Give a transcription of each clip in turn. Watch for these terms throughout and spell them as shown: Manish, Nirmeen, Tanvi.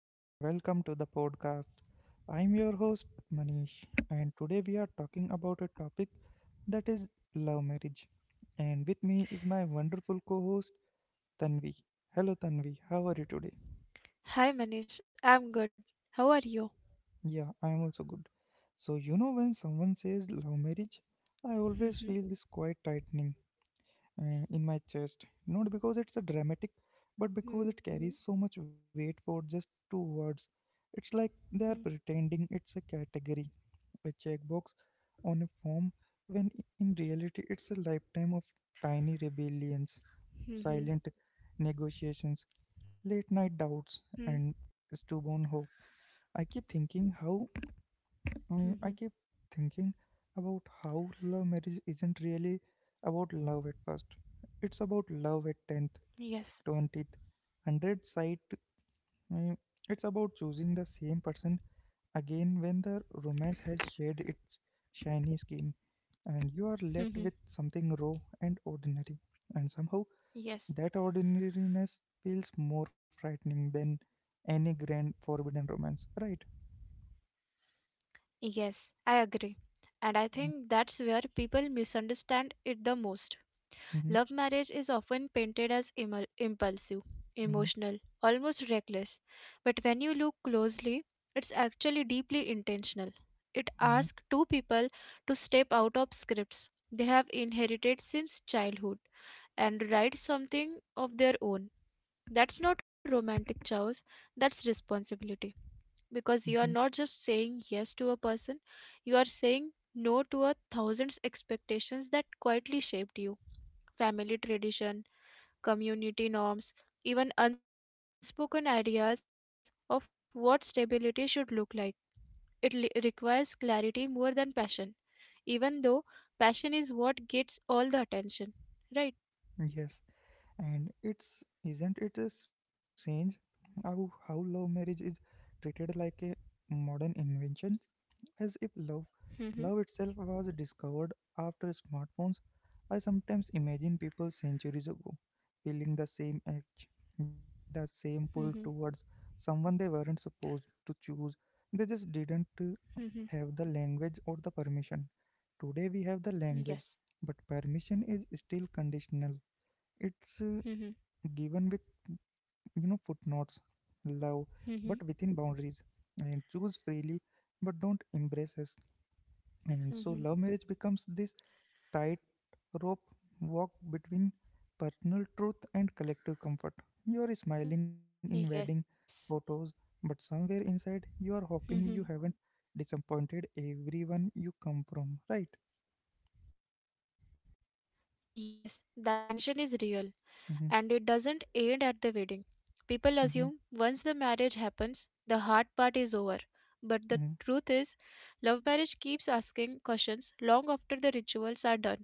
and welcome to the podcast. I'm your host, Manish, and today we are talking about a topic that is love marriage. And with me is my wonderful co host, Tanvi. Hello, Tanvi, how are you today? Hi Manish, I'm good. How are you? Yeah, I'm also good. So, you know, when someone says love marriage, I always feel this Mhm. quite tightening in my chest, not because it's a dramatic, but because it Mhm. carries so much weight for just two words. It's like they are Mhm. pretending it's a category, a checkbox on a form, when in reality it's a lifetime of tiny rebellions, silent Mhm. negotiations, late Mhm. night doubts, and stubborn hope. I keep thinking how Mhm. Mm, I keep thinking about how love marriage isn't really about love at first. It's about love at Yes. 10th, 20th, 100th sight. Mm, It's about choosing the same person again when the romance has shed its shiny skin and you are left Mhm. with something raw and ordinary. And somehow Yes. that ordinariness feels more frightening than any grand forbidden romance, right? Yes, I agree. And I think that's Mm-hmm, where people misunderstand it the most. Love mm-hmm, marriage is often painted as impulsive, mm-hmm, emotional, almost reckless. But when you look closely, it's actually deeply intentional. It mm-hmm, asks two people to step out of scripts they have inherited since childhood and write something of their own. That's not romantic chows, that's responsibility. Because mm-hmm. you are not just saying yes to a person, you are saying no to a thousand's expectations that quietly shaped you. Family tradition, community norms, even unspoken ideas of what stability should look like. It requires clarity more than passion, even though passion is what gets all the attention. Right? Yes, and it's isn't it a strange how love marriage is treated like a modern invention, as if love Mm-hmm. love itself was discovered after smartphones. I sometimes imagine people centuries ago feeling the same edge, the same pull towards Mm-hmm. someone they weren't supposed to choose. They just didn't Mm-hmm. have the language or the permission. Today we have the language, Yes. but permission is still conditional. It's Mm-hmm. given with, you know, footnotes, love but within boundaries, Mm-hmm. and choose freely but don't embrace us, and so love marriage becomes Mm-hmm. this tight rope walk between personal truth and collective comfort. You are smiling in wedding Yes. photos but somewhere inside you are hoping you Mm-hmm. haven't disappointed everyone you come from, right? Yes, that tension is real and mm-hmm, it doesn't end at the wedding. mm-hmm, People assume once the marriage happens, the hard part is over. mm-hmm, But the truth is, love marriage keeps asking questions long after the rituals are done.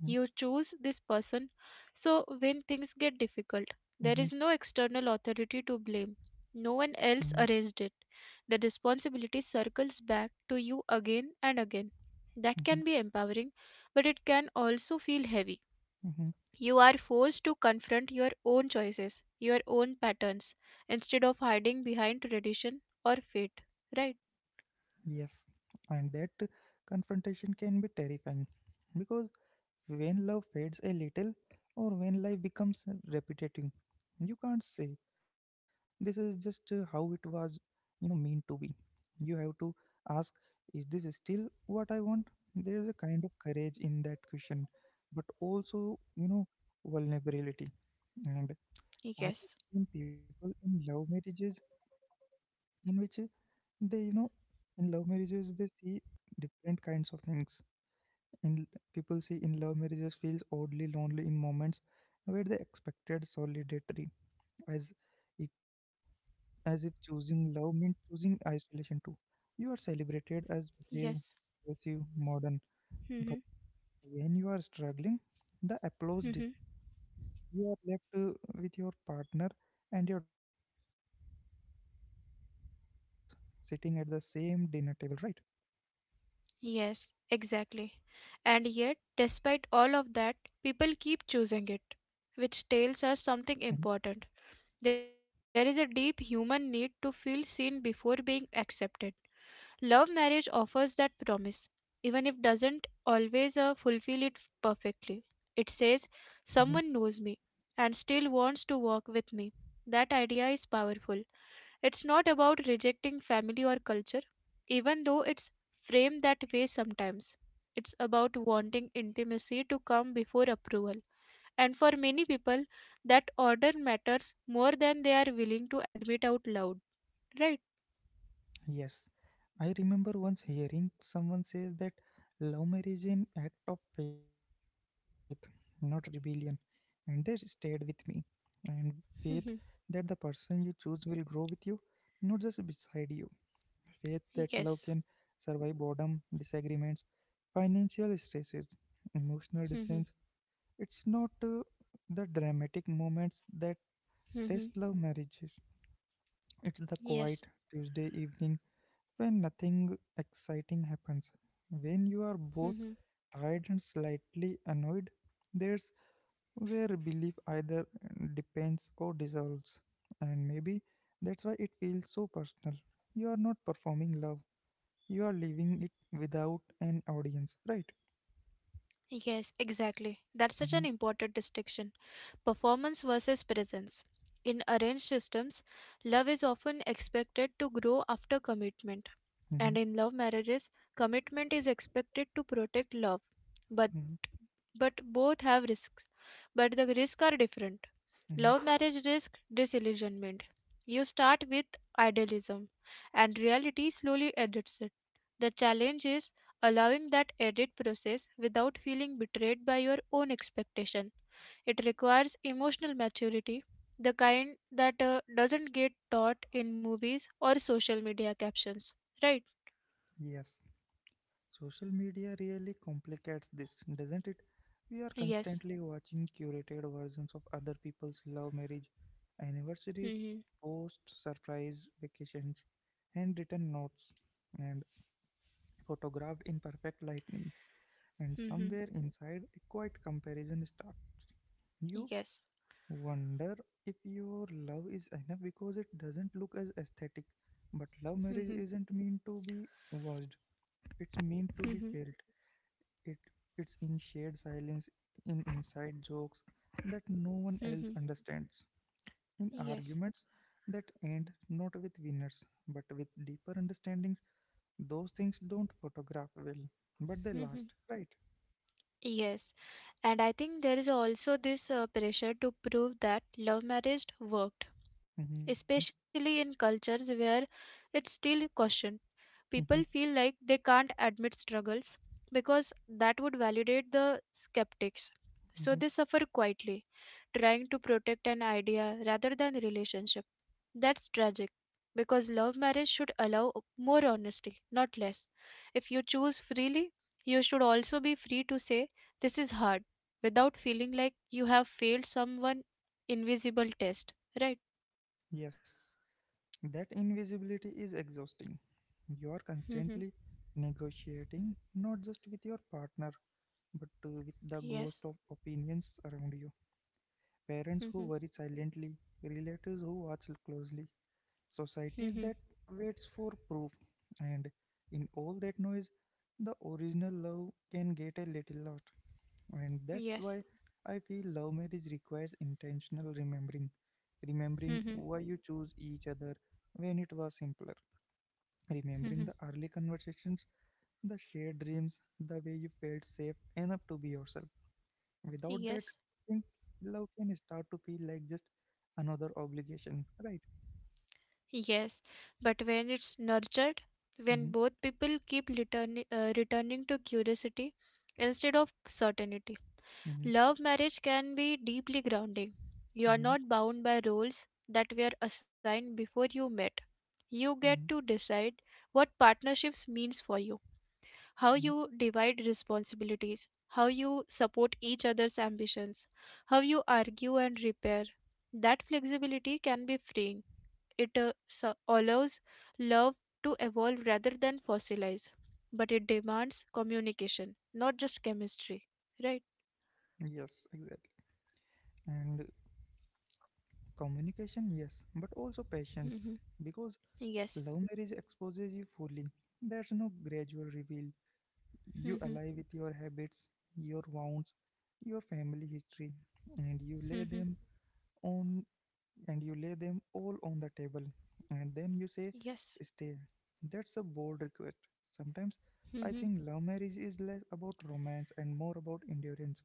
mm-hmm, You choose this person. So, when things get difficult, there mm-hmm, is no external authority to blame. No mm-hmm, one else arranged it. The responsibility circles back to you again and again. Mm-hmm. That can be empowering, but it can also feel heavy. Mm-hmm. You are forced to confront your own choices, your own patterns, instead of hiding behind tradition or fate. Right? Yes, and that confrontation can be terrifying because when love fades a little or when life becomes repetitive, you can't say this is just, how it was, you know, meant to be. You have to ask, is this still what I want? There is a kind of courage in that question, but also, you know, vulnerability. And I have Yes. seen people in love marriages in which they you know in love marriages they see different kinds of things In people see in love marriages feels oddly lonely in moments where they expected solidarity, as if as if choosing love means choosing isolation too. You are celebrated as Yes. brave, progressive, modern, Mm-hmm. but when you are struggling the Mm-hmm. you are left, with your partner and your doubts sitting at the same dinner table, right? Yes, exactly. And yet, despite all of that, people keep choosing it, which hmm tells us something important. There is a deep human need to feel seen before being accepted. Love marriage offers that promise, even if doesn't always fulfill it perfectly. It says, hmm someone knows me and still wants to walk with me. That idea is powerful. It's not about rejecting family or culture, even though it's framed that way sometimes. It's about wanting intimacy to come before approval. And for many people, that order matters more than they are willing to admit out loud, right? yes, I remember once hearing someone says that love marriage is an act of faith, not rebellion, and that stayed with me. And faith that the Mhm. person you choose will grow with you, not just beside you. Faith that love can Yes. survive boredom, disagreements, financial stresses, emotional Mhm. distance. It's not, the dramatic moments that test Mhm. love marriages. It's the Yes. quiet Tuesday evening when nothing exciting happens. When you are Mhm. both tired and slightly annoyed, that's where belief either depends or dissolves. And maybe that's why it feels so personal. You are not performing love, you are living it without an audience, right? Yes, exactly. That's such an Mm-hmm, important distinction. Performance versus presence. In arranged systems, love is often expected to grow after commitment, mm-hmm, and in love marriages, commitment is expected to protect love. But mm-hmm, but both have risks, but the risks are different. mm-hmm. Love marriage risk disillusionment. You start with idealism, and reality slowly edits it. The challenge is allowing that edit process without feeling betrayed by your own expectations. It requires emotional maturity, the kind that doesn't get taught in movies or social media captions. Right? Yes. Social media really complicates this, doesn't it? We are Yes. constantly watching curated versions of other people's love marriage, anniversaries, Mhm. posts, surprise vacations, handwritten notes, and photographed in perfect lighting. And Mhm. somewhere inside, a quiet comparison starts. You Yes. wonder if your love is enough because it doesn't look as aesthetic. But love Mhm. marriage isn't meant to be watched, it's meant to be Mhm. felt. It it's in shared silence, in inside jokes that no one else Mhm. understands, in Yes. arguments that end not with winners but with deeper understandings. Those things don't photograph well, but they Mhm. last, right? Yes. And I think there is also this pressure to prove that love marriage worked, Mm-hmm, especially in cultures where it's still questioned. People mm-hmm, feel like they can't admit struggles because that would validate the skeptics. So mm-hmm. they suffer quietly, trying to protect an idea rather than relationship. That's tragic because love marriage should allow more honesty, not less. If you choose freely, you should also be free to say, this is hard, without feeling like you have failed someone invisible test. Right? Yes, that invisibility is exhausting. You are Mm-hmm. constantly negotiating not just with your partner but, with the Yes. ghost of opinions around you: parents Mm-hmm. who worry silently, relatives who watch closely, societies Mm-hmm. that waits for proof, and in all that noise, the original love can get a little lost, and that's Yes. why I feel love marriage requires intentional remembering, remembering why you choose each other when it was simpler, Mhm. remembering the early conversations, the shared dreams, the way you felt safe enough to be yourself. Without that, Yes, I think love can start to feel like just another obligation, right? yes. But when it's nurtured, Mm-hmm, when both people keep returning to curiosity instead of certainty, mm-hmm, love marriage can be deeply grounding. You are mm-hmm, not bound by rules that were assigned before you met. mm-hmm, You get to decide what partnerships means for you, how mm-hmm. you divide responsibilities, how you support each other's ambitions, how you argue and repair. That flexibility can be freeing. It allows love to evolve rather than fossilize, but it demands communication, not just chemistry. Right? Yes, exactly. And communication, yes, but also patience, Mhm. because Yes. love marriage exposes you fully. There's no gradual reveal. You Mhm. ally with your habits, your wounds, your family history, and Mhm. On you lay them all on the table and then you say Yes. stay. That's a bold request. Sometimes I Mhm. think love marriage is less about romance and more about endurance,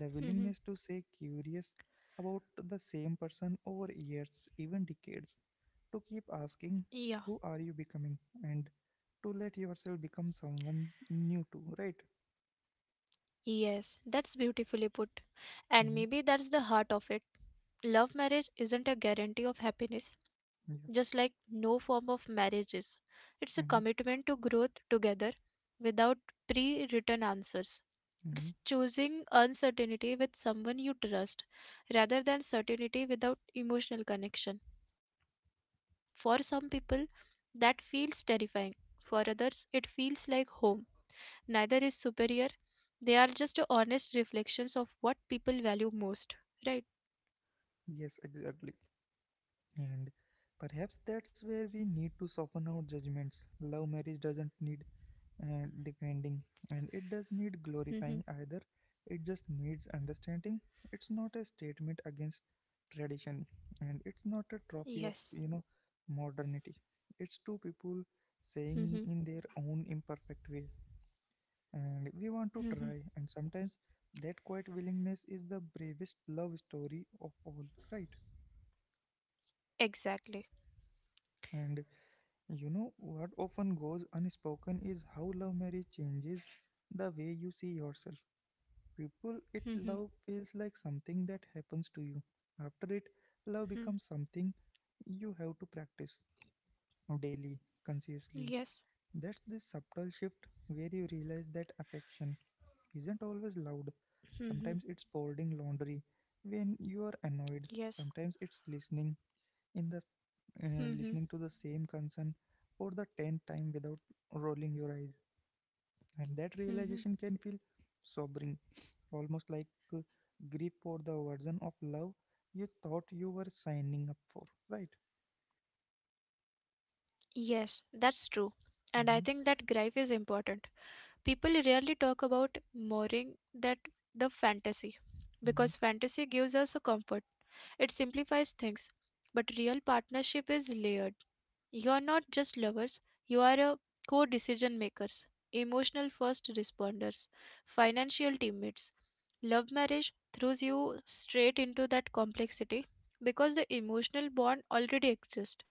the willingness Mhm. to stay curious about the same person over years, even decades, to keep Yeah. asking who are you becoming, and to let yourself become someone new too, right? Yes, that's beautifully put. And mm-hmm. maybe that's the heart of it. Love marriage isn't a guarantee of happiness, yeah just like no form of marriage is. It's a mm-hmm. commitment to growth together without pre written answers. Mm-hmm. It's choosing uncertainty with someone you trust rather than certainty without emotional connection. For some people, that feels terrifying. For others, it feels like home. Neither is superior. They are just honest reflections of what people value most. Right? Yes, exactly. And perhaps that's where we need to soften our judgments. Love marriage doesn't need, defending and it does need Mm-hmm. glorifying either. It just needs understanding. It's not a statement against tradition and it's not a trophy of, Yes. you know, modernity. It's two people Mm-hmm. saying in their own imperfect way and we want to Mm-hmm. try, and sometimes that quiet willingness is the bravest love story of all, right? Exactly. And, you know, what often goes unspoken is how love marriage changes the way you see yourself. People, it Mm-hmm. love feels like something that happens to you. After it, love Mm-hmm. becomes something you have to practice daily, Yes. consciously. That's the subtle shift where you realize that affection isn't always loud. Mm-hmm. Sometimes it's folding laundry when you are annoyed. Yes. Sometimes it's in the Mm-hmm. listening to the same concern for the 10th time without rolling your eyes. And that Mm-hmm. realization can feel sobering, almost like, uh, grief for the version of love you thought you were signing up for, right? Yes, that's true. And I think that grief hmm is important. People rarely talk about mooring that the fantasy because hmm fantasy gives us a comfort. It simplifies things, but real partnership is layered. You are not just lovers, you are a core decision makers, emotional first responders, financial teammates. Love marriage throws you straight into that complexity because the emotional bond already exists.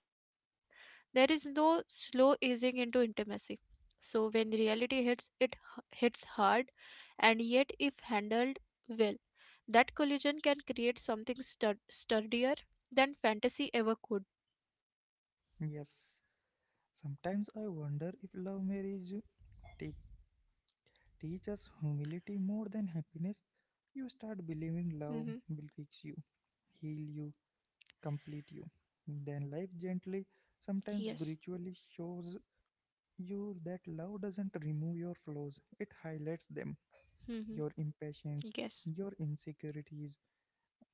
There is no slow easing into intimacy. So when reality hits, it hits hard, and yet, if handled well, that collision can create something sturdier than fantasy ever could. Yes. Sometimes I wonder if love marriage te- teach us humility more than happiness. You start believing Hmm. love will fix you, heal you, complete you. Then life gently, Yes. sometimes brutally, shows you that love doesn't remove your flaws, it highlights them. Mhm. Your impatience, Yes. your insecurities,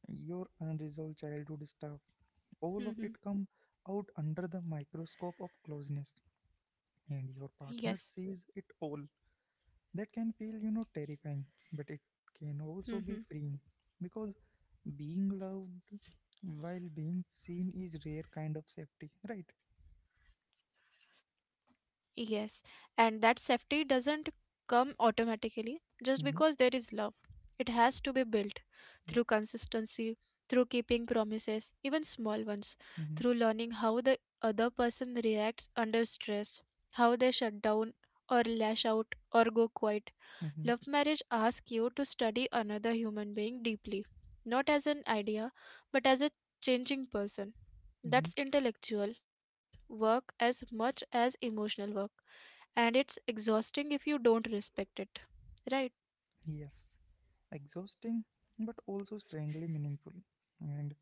your unresolved childhood stuff, all of it come Mhm. out under the microscope of closeness. And your partner Yes. sees it all. That can feel, you know, terrifying, but it can also be Mhm. freeing because being loved while being seen is rare kind of safety, right? Yes. And that safety doesn't come automatically just because there is love. Mm-hmm. It has to be built through Yeah. consistency, through keeping promises, even small ones, through Mm-hmm. learning how the other person reacts under stress, how they shut down or lash out or go quiet. Mm-hmm. Love marriage asks you to study another human being deeply, not as an idea, but as a changing person. Mm-hmm. That's intellectual work as much as emotional work, and it's exhausting if you don't respect it. Right? Yes. Exhausting but also strangely meaningful. And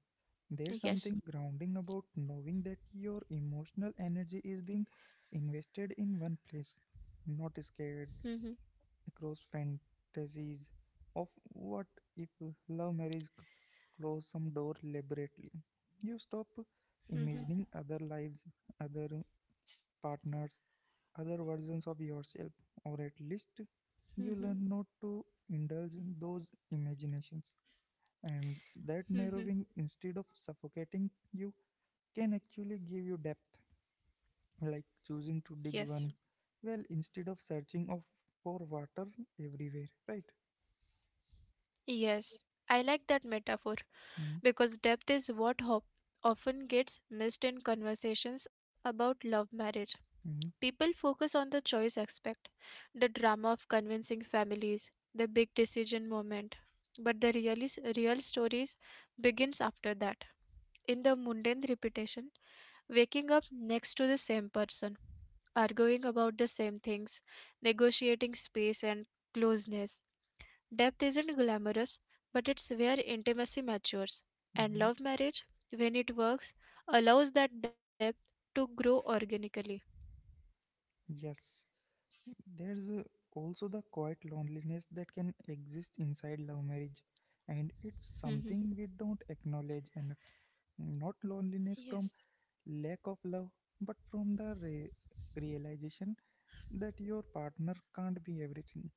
there's Yes. something grounding about knowing that your emotional energy is being invested in one place, not scared Hmm. across fantasies of what if. Love marriage close some door deliberately. You stop Hmm. imagining other lives, other partners, other versions of yourself, or at least you Hmm. learn not to indulge those imaginations, and that Hmm. narrowing, instead of suffocating you, can actually give you depth, like choosing to dig Yes. one well instead of searching of for water everywhere, right? Yes. I like that metaphor mm-hmm, because depth is what hop often gets missed in conversations about love marriage. mm-hmm, People focus on the choice aspect, the drama of convincing families, the big decision moment, but the real, real stories begins after that in the mundane repetition, waking up next to the same person, arguing about the same things, negotiating space and closeness. Depth isn't glamorous, but it's where intimacy matures. And mm-hmm. love marriage, when it works, allows that depth to grow organically. Yes, there's, also the quiet loneliness that can exist inside love marriage, and it's Mhm. something we don't acknowledge enough, not loneliness from Yes. lack of love but from the realization that your partner can't be everything,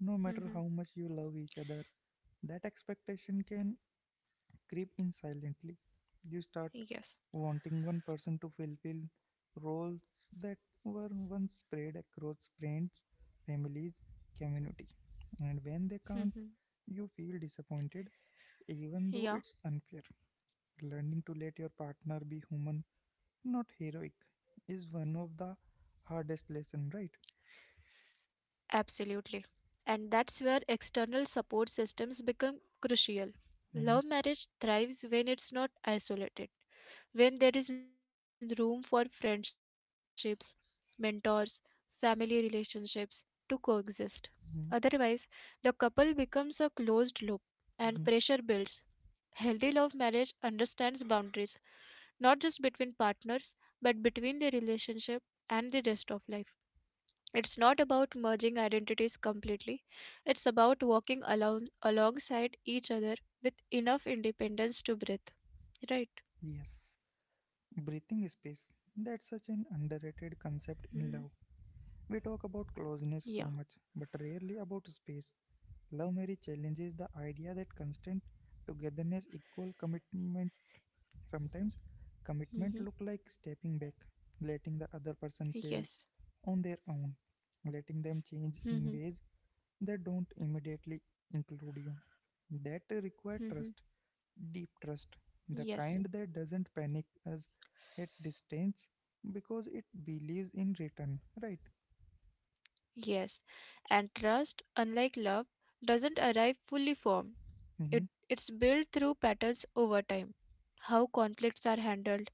no matter Mhm. how much you love each other. That expectation can creep in silently. You start Yes. wanting one person to fulfill roles that were once spread across friends, families, community. And when they can't, Mhm. you feel disappointed, even though Yeah. it's unfair. Learning to let your partner be human, not heroic, is one of the hardest lessons, right? Absolutely. And that's where external support systems become crucial. Love marriage thrives when it's not isolated, when there is room for friendships, mentors, family relationships to coexist. Otherwise, hmm the couple becomes a closed loop and pressure builds. Healthy love marriage understands boundaries, not just between partners, but between the relationship and the rest of life. It's not about merging identities completely, it's about walking alongside each other with enough independence to breathe. Right? Yes, breathing space. That's such an underrated Hmm. concept in love. We talk about Yeah. closeness so much, but rarely about space. Love marriage challenges the idea that constant togetherness equal commitment. Sometimes Hmm. commitment look like stepping back, letting the other person Yes. fail on their own, letting them change Hmm. in ways that don't immediately include you. That require Hmm. trust, deep trust, the Yes. kind that doesn't panic us at distance because it believes in return, right? Yes. And trust, unlike love, doesn't arrive fully formed. Mm-hmm, It, it's built through patterns over time. How conflicts are handled,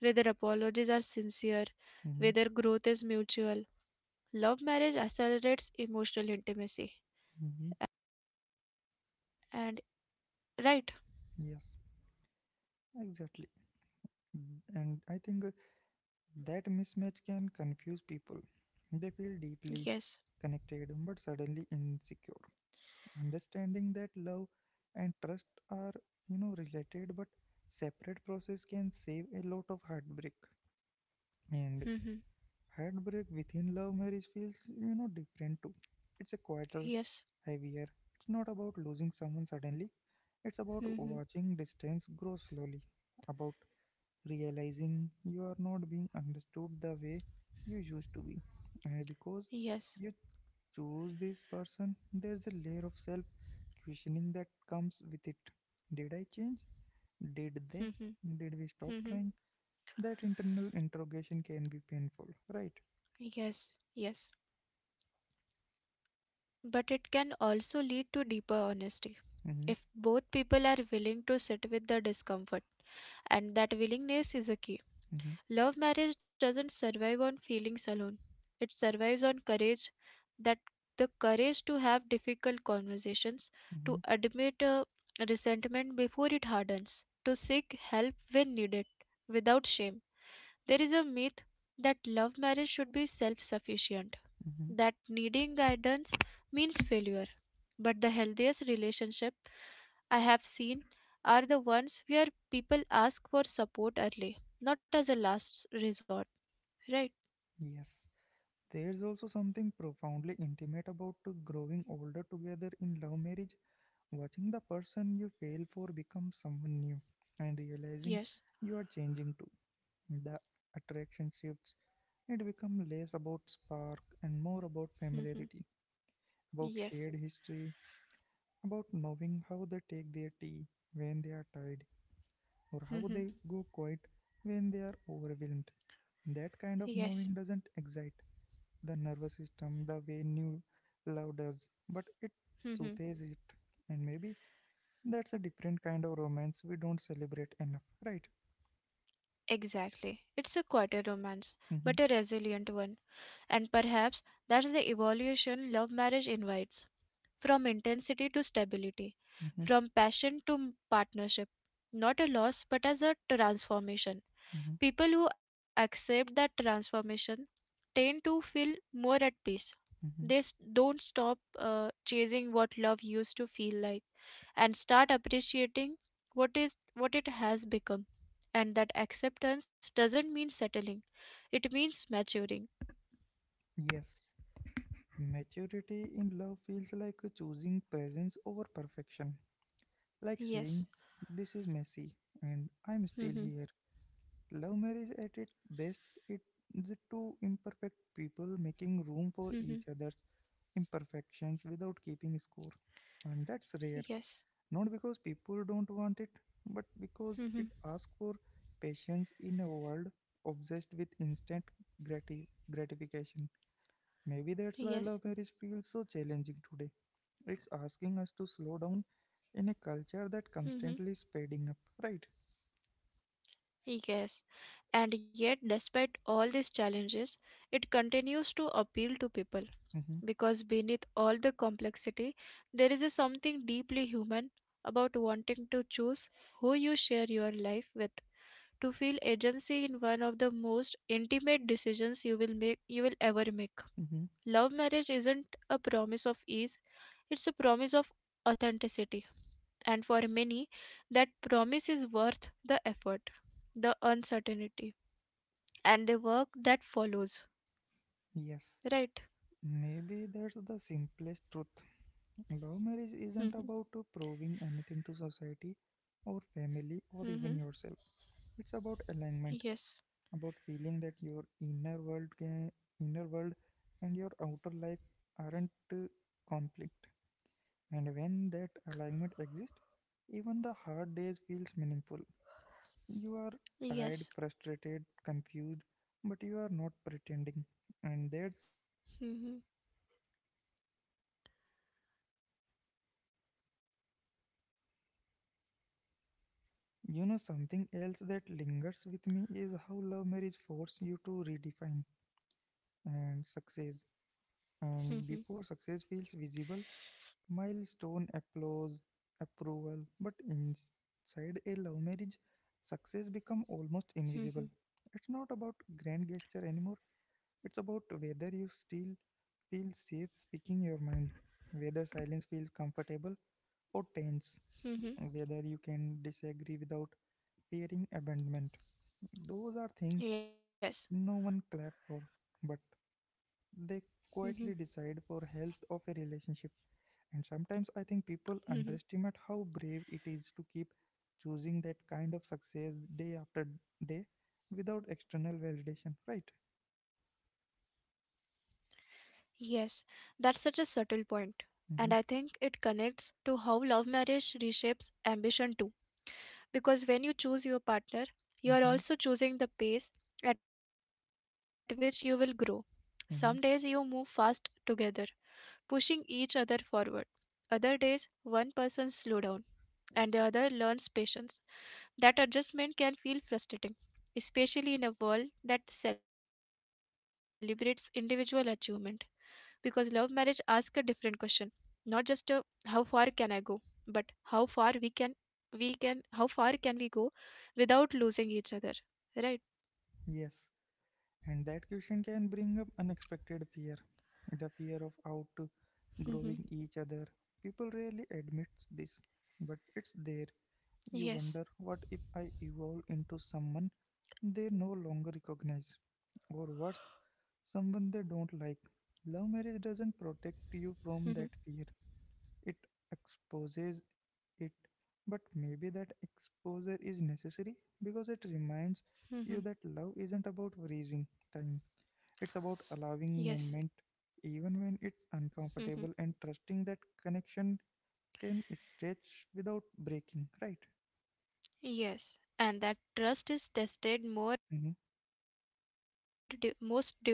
whether apologies are sincere, mm-hmm, whether growth is mutual. Love marriage accelerates emotional intimacy, mm-hmm. and right. Yes, exactly. And I think, that mismatch can confuse people. They feel deeply Yes. connected but suddenly insecure. Understanding that love and trust are, you know, related but separate process can save a lot of heartbreak. And Mhm. heartbreak within love marriage feels, you know, different too. It's a quieter, Yes. heavier. It's not about losing someone suddenly. It's about Mhm. watching distance grow slowly, about realizing you are not being understood the way you used to be. And because Yes. you choose this person, there's a layer of self questioning that comes with it. Did I change? Did they? Mhm. Did we stop Mhm. trying? That internal interrogation can be painful, right? Yes, yes. But it can also lead to deeper honesty Mm-hmm. if both people are willing to sit with the discomfort, and that willingness is a key. Mm-hmm. Love marriage doesn't survive on feelings alone, it survives on courage, that the courage to have difficult conversations, to Hmm. admit resentment before it hardens, to seek help when needed without shame. There is a myth that love marriage should be self sufficient, Hmm. that needing guidance means failure. But the healthiest relationship I have seen are the ones where people ask for support early, not as a last resort, right? Yes, there's also something profoundly intimate about to growing older together in love marriage, watching the person you fail for become someone new, and realizing Yes. you are changing too. The attraction shifts; it becomes less about spark and more about Mm-hmm. familiarity, about Yes. shared history, about knowing how they take their tea when they are tired, or how Mm-hmm. they go quiet when they are overwhelmed. That kind of Yes. knowing doesn't excite the nervous system the way new love does, but it Mm-hmm. soothes it. And maybe that's a different kind of romance we don't celebrate enough, right? Exactly. It's a quieter romance, Mm-hmm. but a resilient one. And perhaps that's the evolution love marriage invites, from intensity to stability, Mm-hmm. from passion to partnership, not a loss but as a transformation. Mm-hmm. People who accept that transformation tend to feel more at peace. They Mm-hmm. Don't stop chasing what love used to feel like and start appreciating what it has become. And that acceptance doesn't mean settling; it means maturing. Yes, maturity in love feels like choosing presence over perfection, like saying, Yes. "This is messy, and I'm still Mm-hmm. here." Love marriage at its best, it's two imperfect people making room for each Mm-hmm. other's imperfections without keeping score, and that's rare. Yes. Not because people don't want it, but because it Mm-hmm. asks for patience in a world obsessed with instant gratification. Maybe that's why love Yes. marriage feels so challenging today. It's asking us to slow down in a culture that Mm-hmm. constantly is speeding up, right? Yes, and yet, despite all these challenges, it continues to appeal to people Mm-hmm. because beneath all the complexity, there is a something deeply human about wanting to choose who you share your life with. To feel agency in one of the most intimate decisions you will ever make. Mm-hmm. Love marriage isn't a promise of ease; it's a promise of authenticity, and for many, that promise is worth the effort, the uncertainty and the work that follows, Yes, right? maybe that's the simplest truth. Love marriage isn't Mhm. about to proving anything to society or family or even Mhm. yourself. It's about alignment, Yes. about feeling that your inner world inner world and your outer life aren't conflict, and when that alignment exists, even the hard days feels meaningful. You are tired, Yes. frustrated, confused, but you are not pretending, and there's a quiet Mhm. peace in that honesty even when love feels heavy, right? And you know something else that lingers with me is how love marriage forces you to redefine and success. And Mhm. before success feels visible, milestone, applause, approval. But inside a love marriage, success become almost invisible. Mhm. It's not about grand gesture anymore. It's about whether you still feel safe speaking your mind, whether silence feels comfortable or tense, Mhm. whether you can disagree without fearing abandonment. Those are things Yes. no one clap for, but Mhm. they quietly decide for health of a relationship. And sometimes I think Mhm. people underestimate how brave it is to keep choosing that kind of success day after day without external validation, right? Yes. That's such a subtle point, and I think it connects to Mm-hmm. how love marriage reshapes ambition too. Because when you choose your partner, you are also choosing the Mm-hmm. pace at which you will grow. Some days you move fast together, Mm-hmm. pushing each other forward. Other days, one person slow down and the other learns patience. That adjustment can feel frustrating, especially in a world that celebrates individual achievement, because love marriage asks a different question, not just how far can I go, but how far can we go without losing each other, right? Yes, and that question can bring up unexpected fear, the fear of Hmm. outgrowing each other. People rarely admit this, but it's there. Yes. You wonder, what if I evolve into someone they no longer recognize? Or worse, someone they don't like. Love marriage doesn't Hmm. protect you from that fear, it exposes it. But maybe that exposure is necessary because it reminds Hmm. you that love isn't about freezing time, it's Yes. about allowing movement, even when it's Hmm. uncomfortable, and trusting that connection can stretch without breaking, right? Yes. And that trust is tested more Mm-hmm. most during transitions: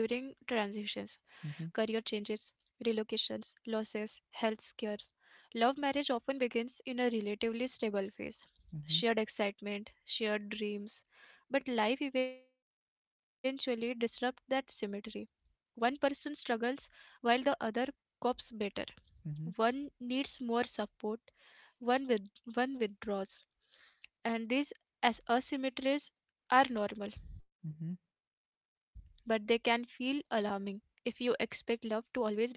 career changes, Mm-hmm. relocations, losses, health scares. Love marriage often begins in a relatively stable phase, shared Mm-hmm. excitement, shared dreams. But life eventually disrupts that symmetry. One person struggles while the other copes better. Mm-hmm. One needs more support, one, with, one withdraws and these as asymmetries are normal, Mm-hmm. but they can feel alarming if you expect love to always be balanced.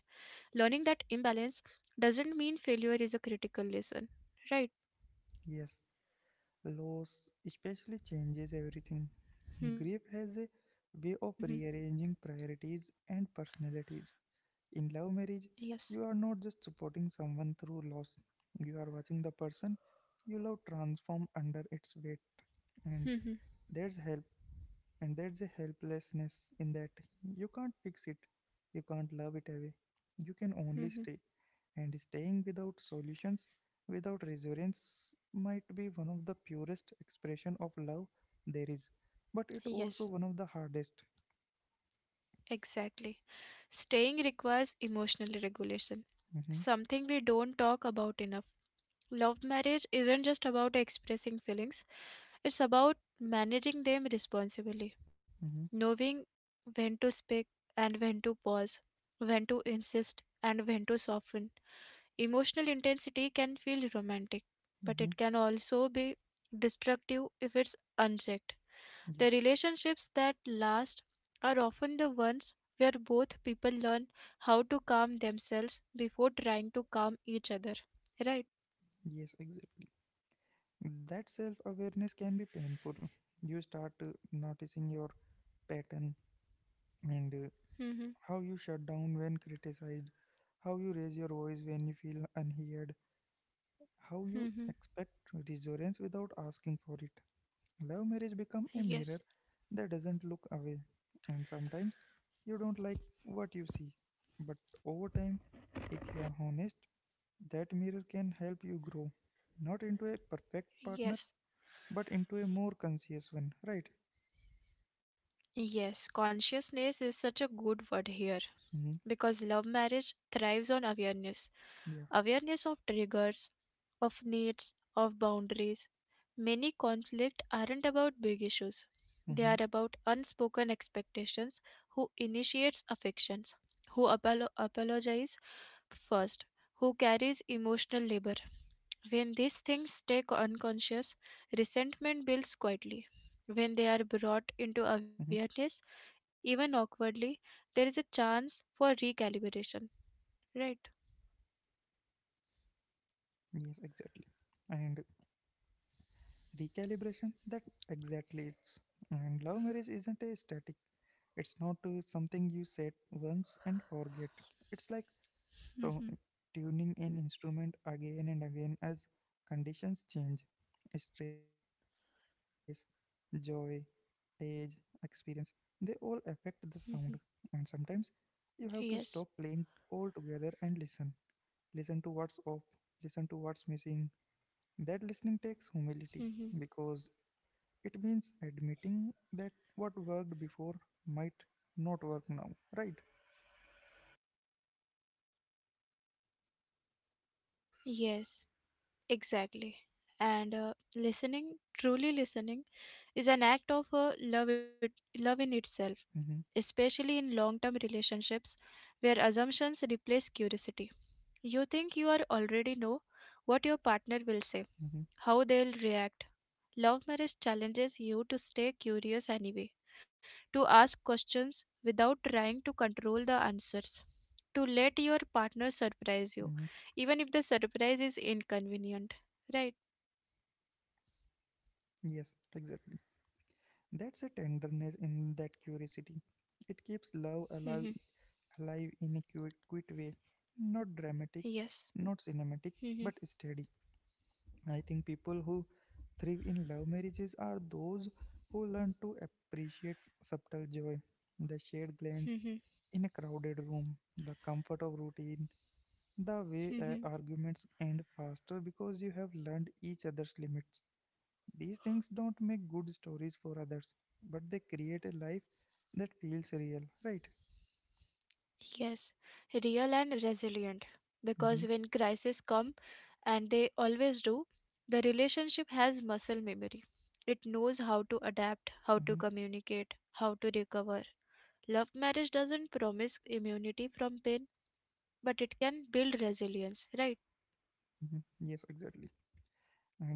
Learning that imbalance doesn't mean failure is a critical lesson, right? Yes. Loss especially changes everything. Grief Mhm. has a way of rearranging priorities and personalities. In love Yes. marriage, you are not just supporting someone through loss, you are watching the person you love transform under its weight. And Mhm. there's help, and there's a helplessness in that. You can't fix it, you can't love it away, you can only Mhm. stay. And staying without solutions, without reassurance, might be one of the purest expression of love there is, but it also Yes. one of the hardest. Exactly. Staying requires emotional regulation, Mm-hmm. something we don't talk about enough. Love marriage isn't just about expressing feelings, it's about managing them responsibly. Mm-hmm. Knowing when to speak and when to pause, when to insist and when to soften. Emotional intensity can feel romantic, but Mm-hmm. it can also be destructive if it's unchecked. Yeah, The relationships that last are often the ones where both people learn how to calm themselves before trying to calm each other. Right? yes, exactly. That self-awareness can be painful. You start noticing your pattern and Mm-hmm. how you shut down when criticized, how you raise your voice when you feel unheard, how you Mm-hmm. expect reassurance without asking for it. Love marriage become a mirror Yes. that doesn't look away. And sometimes you don't like what you see. But over time, if you are honest, that mirror can help you grow. Not into a perfect partner, Yes. but into a more conscious one, right? Yes. Consciousness is such a good word here Mm-hmm. because love marriage thrives on awareness, Yeah. awareness of triggers, of needs, of boundaries. Many conflicts aren't about big issues, they Mm-hmm. are about unspoken expectations, who initiates affections, apologizes first, who carries emotional labor. When these things stay unconscious, resentment builds quietly. When they are Mm-hmm. brought into awareness, even awkwardly, there is a chance for recalibration, right? Yes, exactly. And recalibration, that exactly it's. And love marriage isn't a static. It's not something you set once and forget. It's like to- Hmm. tuning an instrument again and again as conditions change. Stress, joy, age, experience, they all affect the sound. Mhm. And sometimes you have to stop Yes. playing altogether and listen. Listen to what's off, listen to what's missing. That listening takes humility Hmm. because it means admitting that what worked before might not work now, right? Yes, exactly. And listening, truly listening, is an act of love, love in itself, Mm-hmm. especially in long-term relationships where assumptions replace curiosity. You think you are already know what your Mm-hmm. partner will say, how they'll react. Love marriage challenges you to stay curious anyway, to ask questions without trying to control the answers, to let your partner Mm-hmm. surprise you, even if the surprise is inconvenient. Right? Yes, exactly. That's a tenderness in that curiosity. It keeps love Mhm. alive, alive in a cute, quiet way. Not dramatic, Yes. not cinematic, Mhm. but steady. I think people who thrive in love marriages are those who learn to appreciate subtle joy, the shared glance Mhm. in a crowded room, the comfort of routine, the way Mhm. arguments end faster because you have learned each other's limits. These things don't make good stories for others, but they create a life that feels real, right? Yes. Real and resilient. Mm-hmm. Because when crises come, and they always do, the relationship has muscle memory. It knows how to Mm-hmm. adapt, how to communicate, how to recover. Love marriage doesn't promise immunity from pain, but it can build resilience, right? Mm-hmm. Yes, exactly. And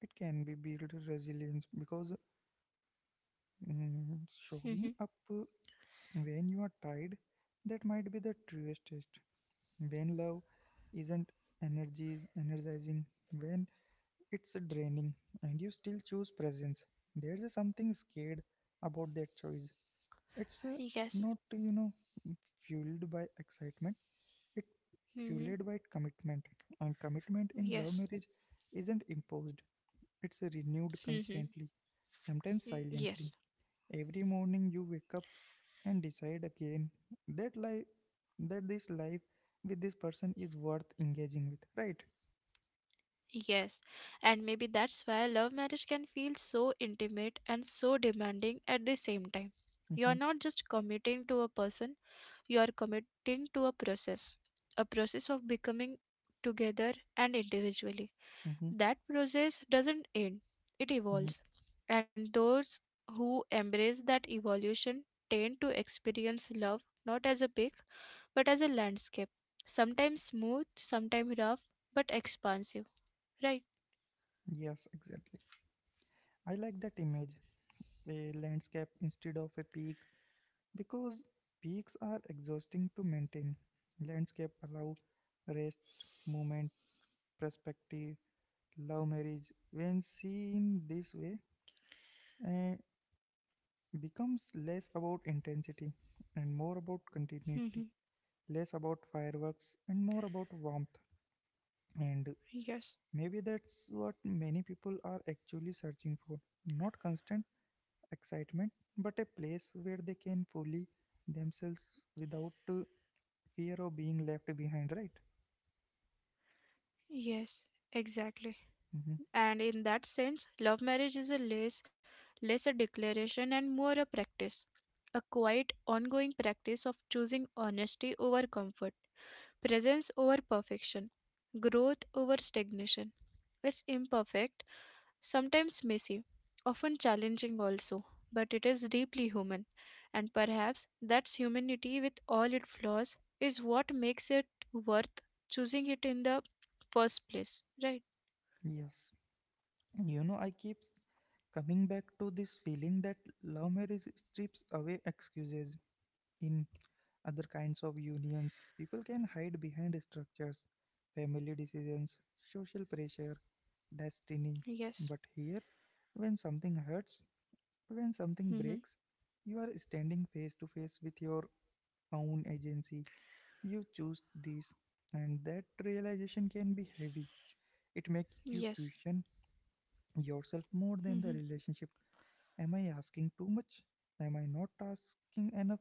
it can be build resilience because Hmm. showing up when you are tired, that might be the truest test. When love isn't energies energizing, when it's draining, and you still choose presence, there's a something scared about that choice. It's Yes. not, fueled by excitement, it Hmm. fueled by commitment. And commitment in love Yes. marriage isn't imposed, it's renewed Hmm. constantly, sometimes Yes. silently. Every morning you wake up and decide again that life that this life with this person is worth engaging with, right? Yes. And maybe that's why love marriage can feel so intimate and so demanding at the same time. You Mm-hmm. are not just committing to a person, you are committing to a process of becoming together and individually. Mm-hmm. That process doesn't end, it Mm-hmm. evolves. And those who embrace that evolution tend to experience love not as a peak, but as a landscape. Sometimes smooth, sometimes rough, but expansive, right? Yes, exactly. I like that image, a landscape instead of a peak, because peaks are exhausting to maintain. Landscape allow rest, movement, perspective, love marriage. When seen this way, eh, becomes less about intensity and more about Mm-hmm. continuity, less about fireworks and more about warmth. And Yes. maybe that's what many people are actually searching for. Not constant excitement, but a place where they can fully themselves without fear of being left behind, right? Yes. Exactly. Hmm. And in that sense, love marriage is less a declaration and more a practice, a quiet, ongoing practice of choosing honesty over comfort, presence over perfection, growth over stagnation. It's imperfect, sometimes messy, often challenging also, but it is deeply human. And perhaps that's humanity with all its flaws is what makes it worth choosing it in the first place. Right? Yes. You know, I keep coming back to this feeling that love marriage strips away excuses in other kinds of unions. People can hide behind structures, family decisions, social pressure, destiny. Yes. But here, when something hurts, when something Mm-hmm. breaks, you are standing face to face with your own agency. You choose this, and that realization can be heavy. It makes you Yes. question yourself more than the Mm-hmm. relationship. Am I asking too much? Am I not asking enough?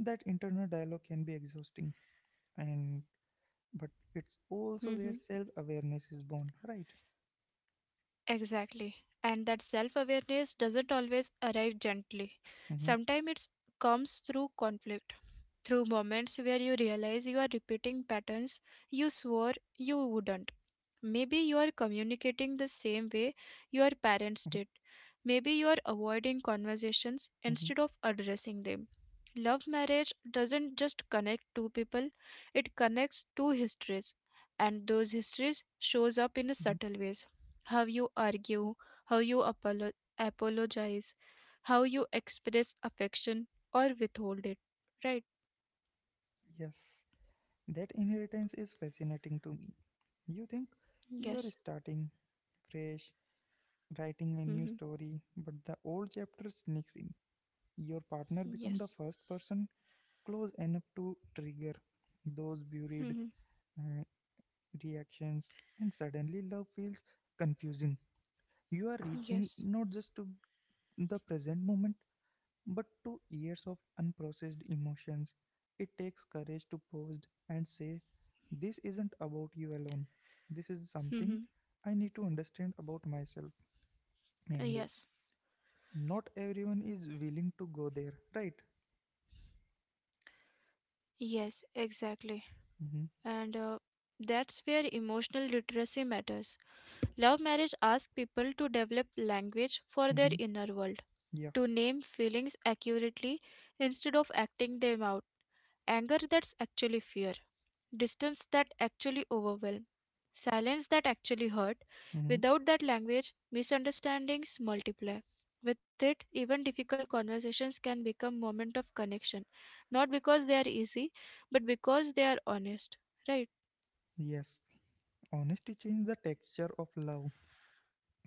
That internal dialogue can be exhausting, and but it's also Mm-hmm. where self awareness is born, right? Exactly. And that self awareness doesn't always arrive gently. Mm-hmm. Sometimes it comes through conflict, through moments where you realize you are repeating patterns you swore you wouldn't. Maybe you are communicating the same way Mm-hmm. your parents did. Maybe you are avoiding Mm-hmm. conversations instead of addressing them. Love marriage doesn't just connect two people, it connects two histories, and those histories Mm-hmm. shows up in a subtle ways. How you argue, how you apolo- apologize, how you express affection or withhold it, right? Yes, that inheritance is fascinating to me. You think you are Yes. starting fresh, writing a new Mhm. story, but the old chapter sneaks in. Your partner become the Yes. first person close enough to trigger those buried Mhm. uh, reactions, and suddenly love feels confusing. You are reaching Yes. not just to the present moment, but to years of unprocessed emotions. It takes courage to pause and say, "This isn't about you alone. This is something Mhm. I need to understand about myself." And Yes. not everyone is willing to go there, right? Yes, exactly. Mm-hmm. And that's where emotional literacy matters. Love marriage asks people to develop language for their Mm-hmm. inner world, Yeah. to name feelings accurately instead of acting them out. Anger that's actually fear, distance that actually overwhelmed, silence that actually hurt. Mm-hmm. Without that language, misunderstandings multiply. With it, even difficult conversations can become moments of connection, not because they are easy, but because they are honest. Right? Yes. Honesty changes the texture of love.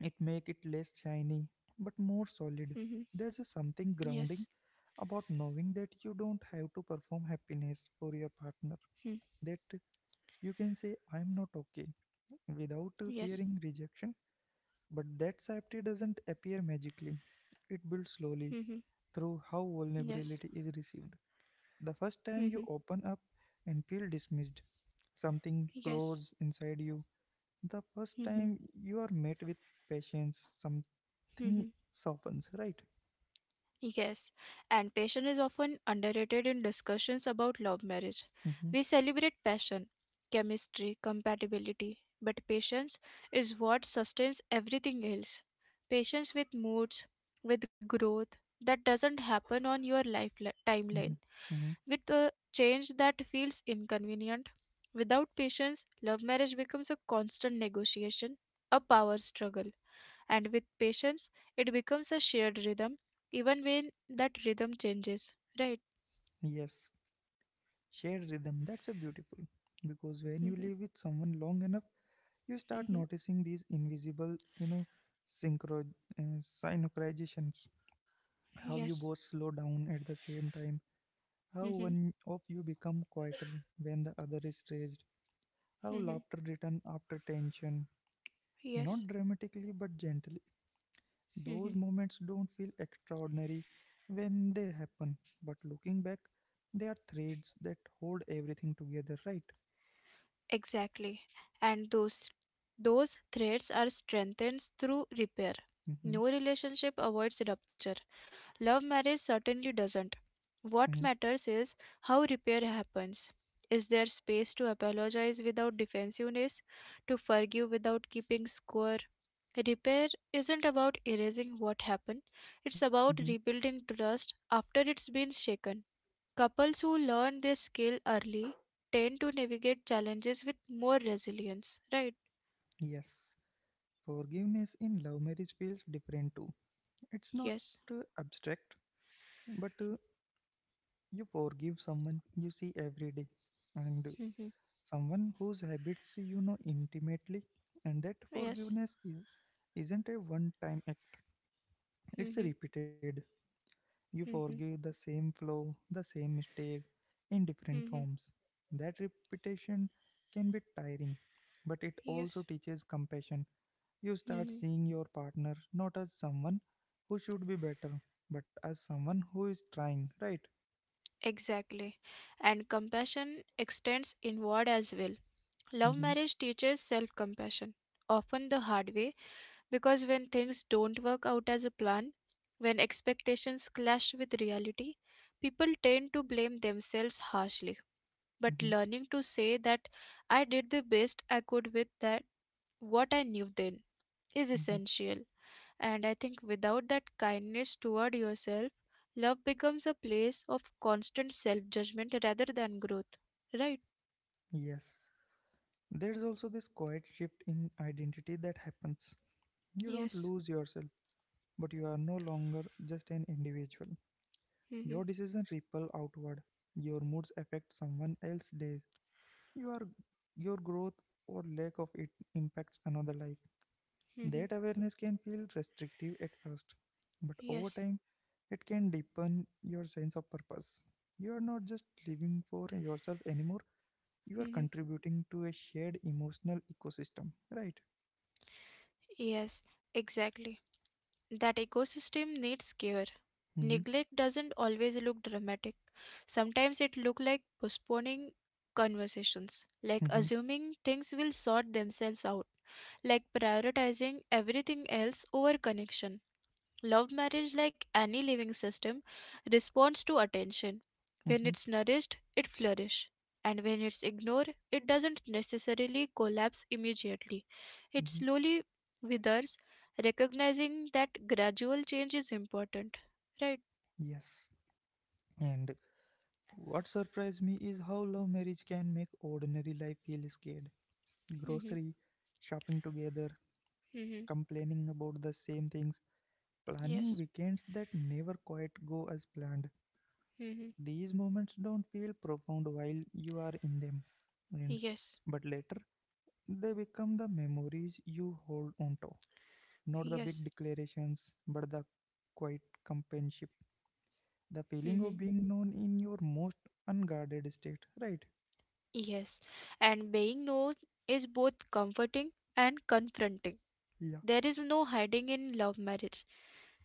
It make it less shiny but more solid, Mm-hmm. there's a something grounding Yes. about knowing that you don't have to perform happiness for your partner, Hmm. that you can say I'm not okay without Yes. fearing rejection. But that safety doesn't appear magically, it builds slowly Mm-hmm. through how Yes. vulnerability is received. The first time Mm-hmm. you open up and feel dismissed, something Yes. close inside you. The first Mm-hmm. time you are met with patience, Mm-hmm. something softens, right? Yes, and passion is often underrated in discussions about love marriage. Mhm. We celebrate passion, chemistry, compatibility, but patience is what sustains everything else. Patience with moods, with growth that doesn't happen on your timeline, Mhm. Mhm. with a change that feels inconvenient. Without patience, love marriage becomes a constant negotiation, a power struggle, and with patience it becomes a shared rhythm even when that rhythm changes, right? Yes, shared rhythm. That's a beautiful because when you Mm-hmm. live with someone long enough, you start Mm-hmm. noticing these invisible, synchro synchronizations. How Yes. you both slow down at the same time. How Mm-hmm. one of you become quieter when the other is raised. How Mm-hmm. laughter return after tension, Yes. not dramatically but gently. Mm-hmm. Those moments don't feel extraordinary when they happen, but looking back, they are threads that hold everything together, right? Exactly. And those threads are strengthened through repair. No Mm-hmm. relationship avoids rupture. Love marriage certainly doesn't. Mm-hmm. What matters is how repair happens. Is there space to apologize without defensiveness, to forgive without keeping score? Repair isn't about erasing what happened, it's Mm-hmm. about rebuilding trust after it's been shaken. Couples who learn this skill early tend to navigate challenges with more resilience, right? Yes. Forgiveness in love marriage feels different too. It's not Yes. Abstract, but you forgive someone you see every day and Mhm. someone whose habits you know intimately, and that Yes. forgiveness isn't a one time act, Mhm. it's repeated. You Mhm. forgive the same flaw, the same mistake in different Mhm. forms. That repetition can be tiring, but it Yes. also teaches compassion. You start Mhm. seeing your partner not as someone who should be better, but as someone who is trying, right? Exactly. And compassion extends inward as well. Love Mm-hmm. marriage teaches self compassion, often the hard way, because when things don't work out as a plan, when expectations clash with reality, people tend to blame themselves harshly. But Mm-hmm. learning to say that I did the best I could with that what I knew then is Mm-hmm. essential. And I think without that kindness toward yourself, love becomes a place of constant self judgment rather than growth. Right? Yes. There's also this quiet shift in identity that happens. You don't Yes. lose yourself, but you are no longer just an individual. Mhm. Your decisions ripple outward. Your moods affect someone else's days. Your your growth or lack of it impacts another life. Mhm. That awareness can feel restrictive at first, but over Yes. time it can deepen your sense of purpose. You are not just living for yourself anymore. You are Mhm. contributing to a shared emotional ecosystem, right? Yes. Exactly. That ecosystem needs care. Hmm. Neglect doesn't always look dramatic. Sometimes it look like postponing conversations, like Hmm. assuming things will sort themselves out, like prioritizing everything else over connection. Love marriage, like any living system, responds to attention. When Hmm. it's nourished, it flourishes. And when it's ignored, it doesn't necessarily collapse immediately. It Hmm. slowly withers, recognizing that gradual change is important. Right? Yes. And what surprised me is how love marriage can make ordinary life feel scared. Mm-hmm. Grocery shopping together, Mm-hmm. complaining about the same things, planning Yes. weekends that never quite go as planned. Mm-hmm. These moments don't feel profound while you are in them, and Yes. but later they become the memories you hold onto. Not the big Yes. declarations, but the quiet companionship, the feeling Mm-hmm. of being known in your most unguarded state, right? Yes. And being known is both comforting and confronting. Yeah. There is no hiding in love marriage.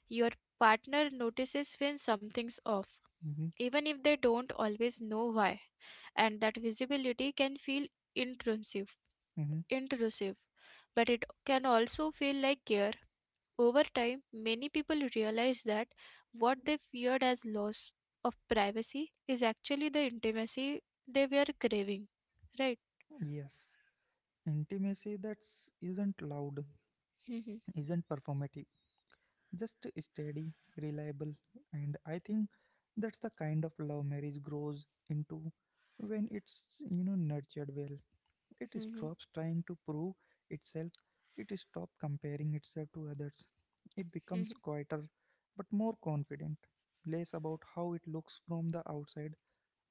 Your partner notices when something's off, hmm even if they don't always know why, and that visibility can feel intrusive, hmm intrusive, but it can also feel like care. Over time, many people realize that what they feared as loss of privacy is actually the intimacy they were craving, right? Yes. Intimacy that's not loud, isn't performative, just steady, reliable, and I think that's the kind of love marriage grows into when it's nurtured well. It stops trying to prove itself. It stops comparing itself to others. It becomes quieter but more confident, less about how it looks from the outside,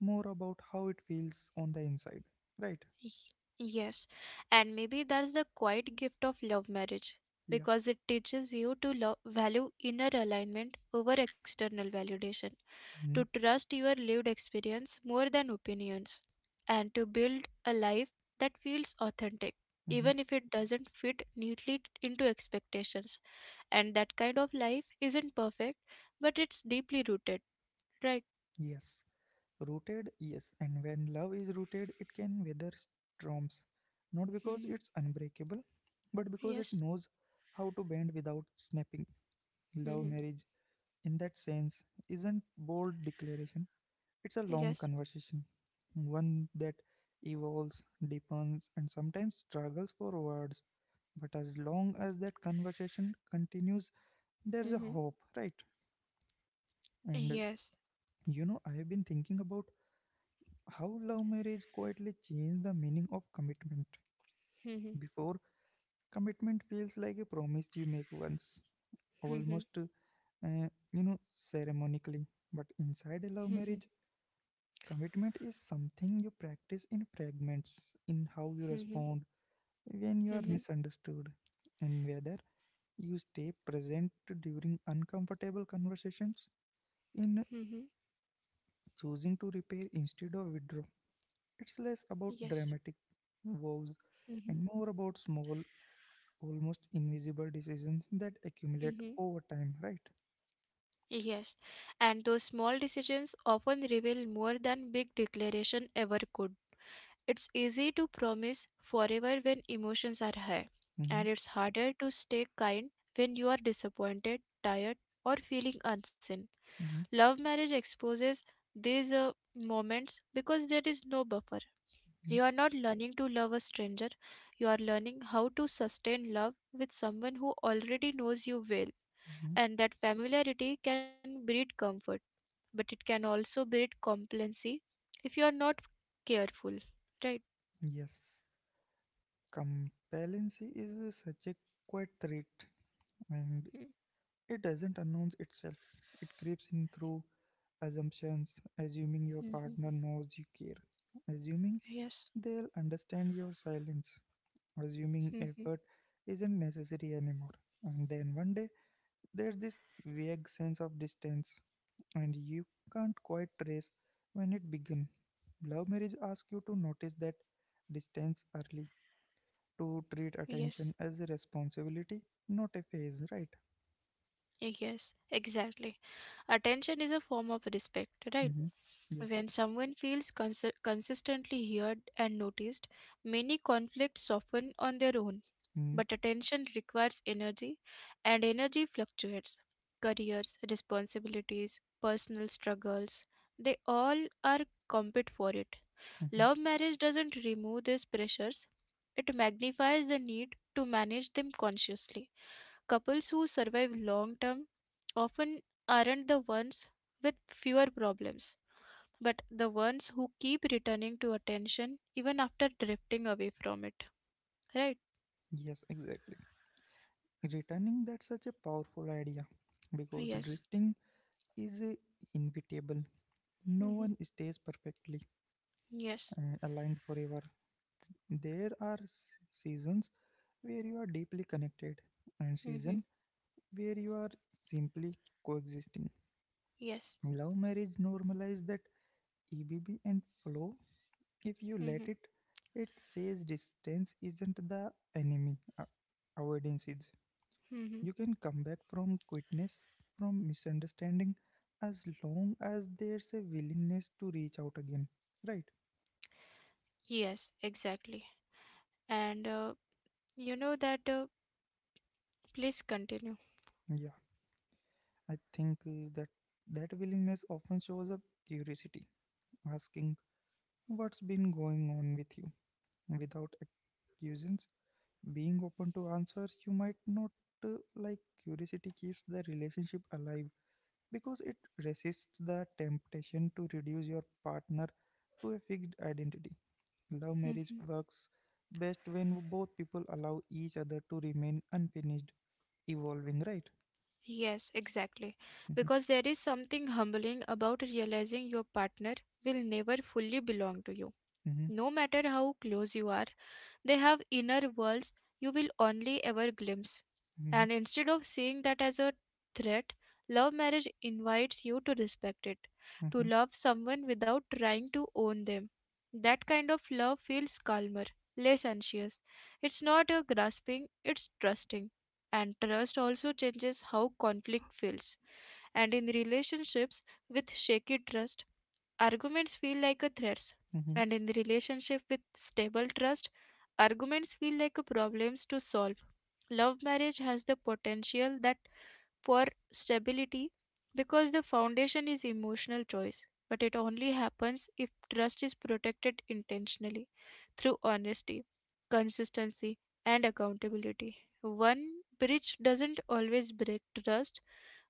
more about how it feels on the inside. Right? Y- Yes, and maybe that's the quiet gift of love marriage Yeah. because it teaches you to love, value inner alignment over external validation, to Mm-hmm. trust your lived experience more than opinions, and to build a life that feels authentic, Mm-hmm. even if it doesn't fit neatly into expectations. And that kind of life isn't perfect, but it's deeply rooted, right? Yes. Rooted, yes, and when love is rooted, it can weather storms. Not because Hmm. it's unbreakable, but because it Yes. knows how to bend without snapping. Love Hmm. marriage, in that sense, isn't bold declaration. It's a long Yes. conversation, one that evolves, deepens, and sometimes struggles for words. But as long as that conversation continues, there's a Hmm. hope, right? And Yes. I have been thinking about how love marriage quietly changed the meaning of commitment. Hmm. Before, commitment feels like a promise you make once, almost, uh, you know, ceremonically. But inside a love Mhm, marriage, commitment is something you practice in fragments, in how you mhm, respond when you are mhm, misunderstood, and whether you stay present during uncomfortable conversations, in mhm. choosing to repair instead of withdraw. It's less about Yes. dramatic vows and Mhm, more about small, almost invisible decisions that accumulate mhm. over time, right? Yes. And those small decisions often reveal more than big declaration ever could. It's easy to promise forever when emotions are high, Mm-hmm, and it's harder to stay kind when you are disappointed, tired, or feeling unseen. mm-hmm, Love marriage exposes these moments because there is no buffer. You are not learning to love a stranger, you are learning how to sustain love with someone who already knows you well. mm-hmm, mm-hmm. And that familiarity can breed comfort, but it can also breed complacency if you are not careful. Right? Yes, competency is such a quiet trait, and it doesn't announce itself. It creeps in through assumptions, assuming your Mm-hmm. partner knows you care, assuming Yes. they'll understand your silence, assuming Mm-hmm. effort isn't necessary anymore. And then one day there's this vague sense of distance and you can't quite trace when it began. Love marriage asks you to notice that distance early, to treat attention Yes. as a responsibility, not a phase, right? Yes, exactly. Attention is a form of respect, right? Mm-hmm. Yeah. When someone feels consistently heard and noticed, many conflicts soften on their own. Mm-hmm. But attention requires energy, and energy fluctuates. Careers, responsibilities, personal struggles, they all are compete for it. Mm-hmm. Love marriage doesn't remove these pressures, it magnifies the need to manage them consciously. Couples who survive long term often aren't the ones with fewer problems, but the ones who keep returning to attention even after drifting away from it. Right? Yes, exactly. Returning, that's such a powerful idea because Yes. drifting is inevitable. No Mhm. one stays perfectly Yes. Aligned forever. There are seasons where you are deeply connected and Mm-hmm. season where you are simply coexisting. Yes. Love marriage normalizes that EBB and flow. If you Mm-hmm. let it, it says distance isn't the enemy, avoidance is. Mm-hmm. You can come back from quitness, from misunderstanding, as long as there's a willingness to reach out again. Right? Yes, exactly. And you know that, please continue. Yeah, I think that willingness often shows up curiosity, asking what's been going on with you without accusations. Being open to answers you might not like, curiosity keeps the relationship alive because it resists the temptation to reduce your partner to a fixed identity. Love marriage Mm-hmm. works best when both people allow each other to remain unfinished, evolving, right? Yes, exactly. Mhm, Because there is something humbling about realizing your partner will never fully belong to you. mhm, No matter how close you are, they have inner worlds you will only ever glimpse. mhm, And instead of seeing that as a threat, love marriage invites you to respect it, to mhm, love someone without trying to own them. That kind of love feels calmer, less anxious. It's not a grasping, it's trusting. And trust also changes how conflict feels. And in relationships with shaky trust, arguments feel like a threats, mhm. and in the relationship with stable trust, arguments feel like a problems to solve. Love marriage has the potential that for stability because the foundation is emotional choice, but it only happens if trust is protected intentionally through honesty, consistency, and accountability. One breach doesn't always break trust,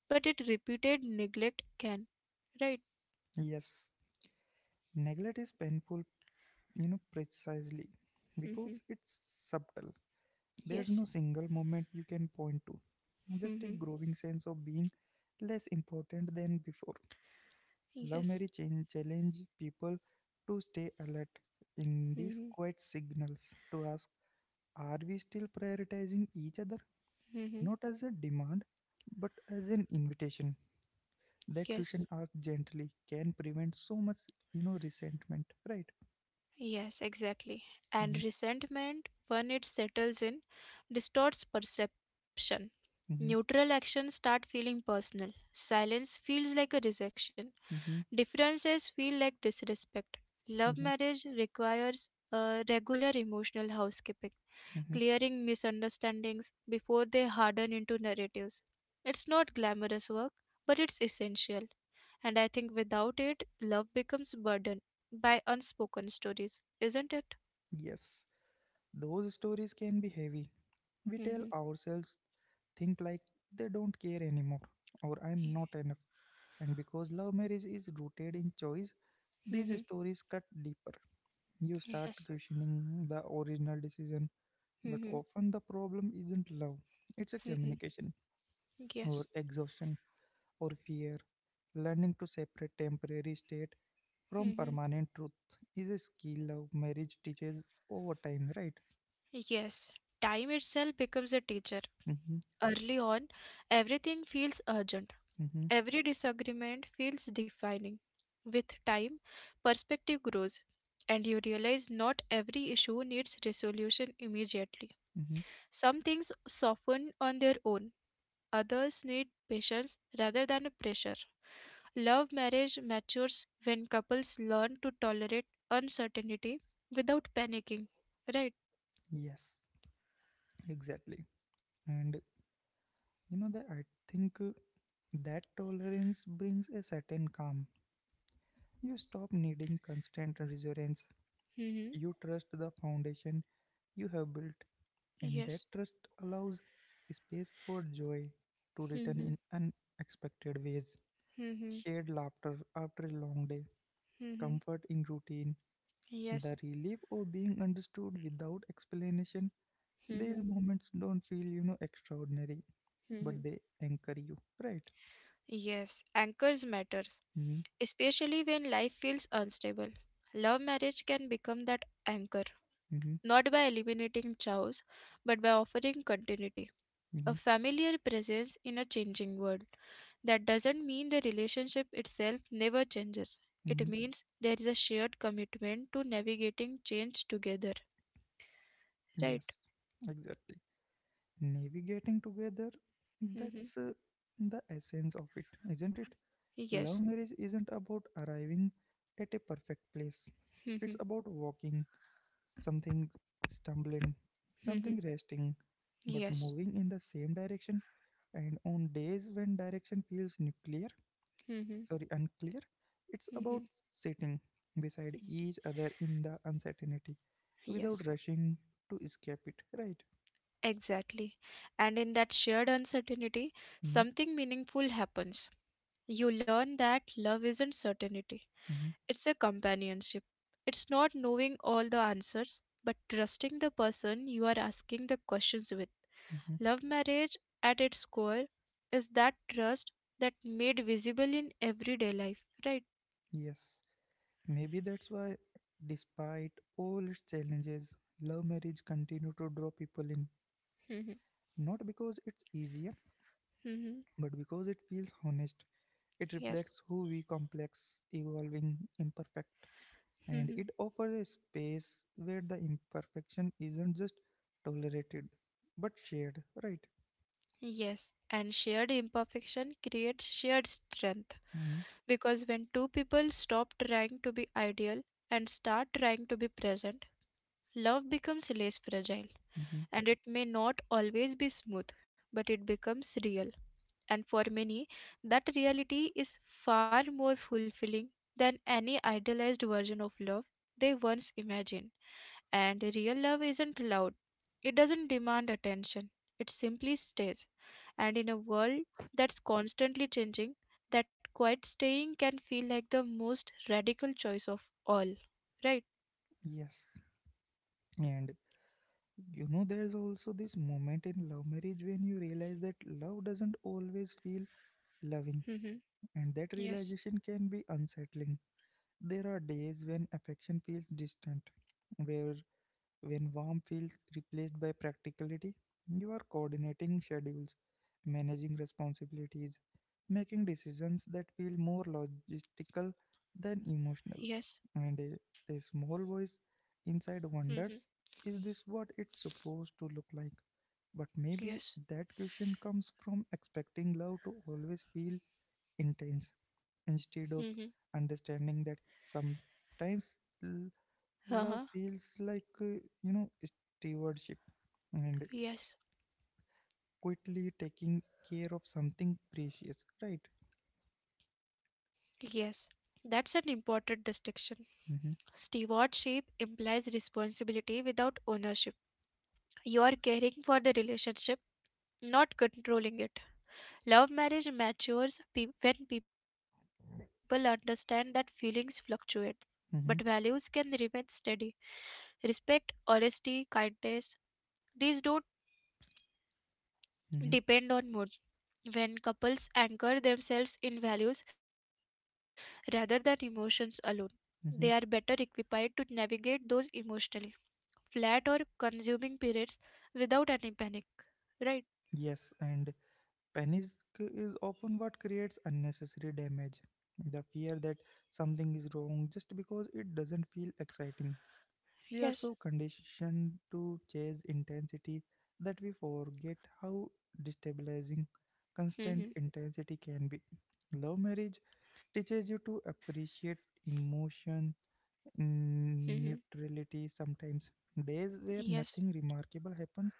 but it repeated neglect can, right? Yes, neglect is painful, precisely Hmm. because it's subtle. There's Yes. no single moment you can point to, just a Mhm. growing sense of being less important than before. Love Yes. Mary change, challenge people to stay alert in these Hmm. quiet signals, to ask, are we still prioritizing each other? Hmm. Not as a demand, but as an invitation. That Yes. question asked gently can prevent so much, resentment, right? Yes, exactly. Mm-hmm, And resentment, when it settles in, distorts perception. mm-hmm, Neutral actions start feeling personal. Silence feels like a rejection. mm-hmm, Differences feel like disrespect. Love mm-hmm, marriage requires a regular emotional housekeeping, mm-hmm. clearing misunderstandings before they harden into narratives. It's not glamorous work, but it's essential. And I think without it, love becomes burdened by unspoken stories, isn't it? Yes, those stories can be heavy. We tell ourselves think like they don't care anymore or I'm not Mm-hmm. enough. And because love marriage is rooted in choice, these Mm-hmm. stories cut deeper. You start Yes. questioning the original decision, but Mm-hmm. often the problem isn't love, it's a Mm-hmm. communication Yes. or exhaustion or fear. Learning to separate temporary state from Mm-hmm. permanent truth is a skill love marriage teaches over time, right? Yes. Time itself becomes a teacher. Mm-hmm, Early on, everything feels urgent. mm-hmm, Every disagreement feels defining. With time, perspective grows, and you realize not every issue needs resolution immediately. mm-hmm. Some things soften on their own. Others need patience rather than pressure. Love marriage matures when couples learn to tolerate uncertainty without panicking, right? Yes, exactly. And You know that I think that tolerance brings a certain calm. You stop needing constant reassurance. Mm-hmm. You trust the foundation you have built, and that Yes. trust allows space for joy to return Mm-hmm. in unexpected ways. Mm-hmm. Shared laughter after a long day, Mm-hmm. comfort in routine, Yes. the relief of being understood without explanation. Mm-hmm. These moments don't feel, extraordinary, but Mm-hmm. they anchor you, right? Yes. Anchors matters, Mm-hmm, especially when life feels unstable. Love marriage can become that anchor, mm-hmm, not by eliminating chaos, but by offering continuity, a mm-hmm, familiar presence in a changing world. That doesn't mean the relationship itself never changes. It mm-hmm. means there is a shared commitment to navigating change together, right? Yes, exactly. Navigating together, Hmm. that's the essence of it, isn't it? Love Yes. marriage isn't about arriving at a perfect place, it's Mhm. about walking, something stumbling, something Mhm. resting, but Yes. moving in the same direction. And on days when direction feels nuclear, Mhm. sorry, unclear, it's about Mhm. sitting beside each other in the uncertainty without Yes. rushing to escape it, right? Exactly. And in that shared uncertainty, Hmm? something meaningful happens. You learn that love isn't certainty, Mhm, it's a companionship. It's not knowing all the answers, but trusting the person you are asking the questions with. mhm. Love marriage, at its core, is that trust that made visible in everyday life, right? Yes, maybe that's why, despite all its challenges, love marriage continue to draw people in. Mhm. Not because it's easier, Mhm, but because it feels honest. It yes. reflects who we complex, evolving, imperfect, and Mhm. it offers a space where the imperfection isn't just tolerated, but shared. Right? Yes. And shared imperfection creates shared strength, Mhm, because when two people stop trying to be ideal and start trying to be present, love becomes less fragile, mhm. and it may not always be smooth, but it becomes real. And for many, that reality is far more fulfilling than any idealized version of love they once imagined. And real love isn't loud, it doesn't demand attention, it simply stays. And in a world that's constantly changing, that quiet staying can feel like the most radical choice of all, right? Yes, and there's also this moment in love marriage when you realize that love doesn't always feel loving, Mm-hmm. and that Yes. realization can be unsettling. There are days when affection feels distant, where when warmth feels replaced by practicality, you are coordinating schedules, managing responsibilities, making decisions that feel more logistical than emotional. Yes. And a small voice inside wonders, Mm-hmm. is this what it's supposed to look like? But maybe Yes. that question comes from expecting love to always feel intense instead of Mm-hmm. understanding that sometimes l- love Uh-huh. feels like you know stewardship and Yes. quickly taking care of something precious, right? Yes. That's an important distinction. Mm-hmm, Stewardship implies responsibility without ownership. You are caring for the relationship, not controlling it. Love marriage matures when people understand that feelings fluctuate, but mm-hmm, values can remain steady. Respect, honesty, kindness, these don't mm-hmm, depend on mood. When couples anchor themselves in values rather than emotions alone, they are mm-hmm. better equipped to navigate those emotionally flat or consuming periods without any panic, right? Yes, and panic is often what creates unnecessary damage, the fear that something is wrong just because it doesn't feel exciting. We are so Yes. conditioned to chase intensity that we forget how destabilizing constant Mm-hmm. intensity can be. Love marriage teaches you to appreciate emotion, Mm-hmm. Neutrality sometimes. Days where nothing Yes. remarkable happens,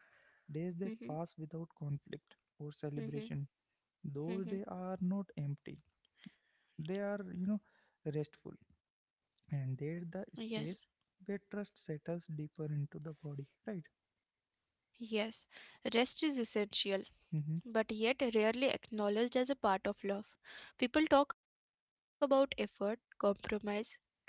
days that pass Mm-hmm. without conflict or celebration. Mm-hmm. Those days Mm-hmm. are not empty. They are, restful. And Yes. there's the space where trust settles deeper into the body, right? Yes, rest is essential, Mhm, but yet rarely acknowledged as a part of love. People talk about effort, compromise, and growth,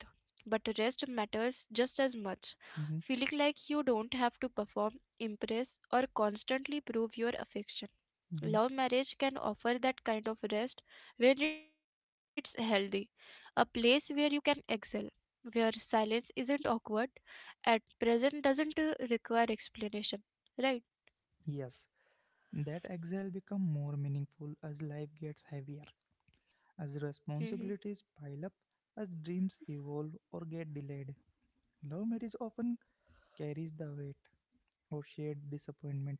but rest matters just as much, mhm, feeling like you don't have to perform, impress, or constantly prove your affection. mhm. Love marriage can offer that kind of rest when it's healthy, a place where you can excel, where silence isn't awkward, at present doesn't require explanation, right? Yes, that exhale become more meaningful as life gets heavier, as Mhm. responsibilities pile up, as dreams evolve or get delayed. Love marriage often carries the weight of shared disappointment,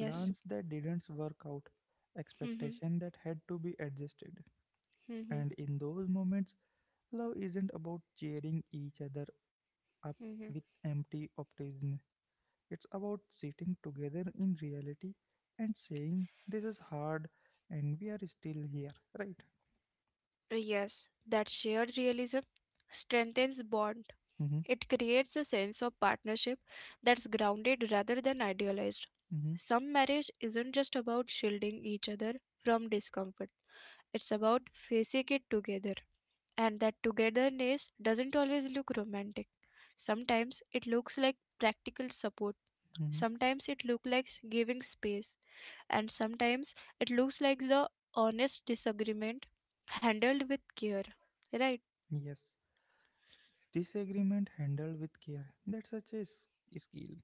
plans Yes. that didn't work out, expectation Mhm. that had to be adjusted. And Mhm. in those moments, love isn't about cheering each other up with Mhm. empty optimism. It's about sitting together in reality and saying, this is hard and we are still here, right? Yes, that shared realism strengthens bond. Mm-hmm, It creates a sense of partnership that's grounded rather than idealized. mm-hmm, Some marriage isn't just about shielding each other from discomfort. It's about facing it together. And that togetherness doesn't always look romantic. Sometimes it looks like practical support. mm-hmm. Sometimes it looks like giving space. And sometimes it looks like the honest disagreement handled with care, right? Yes. Disagreement handled with care. That's such a skill.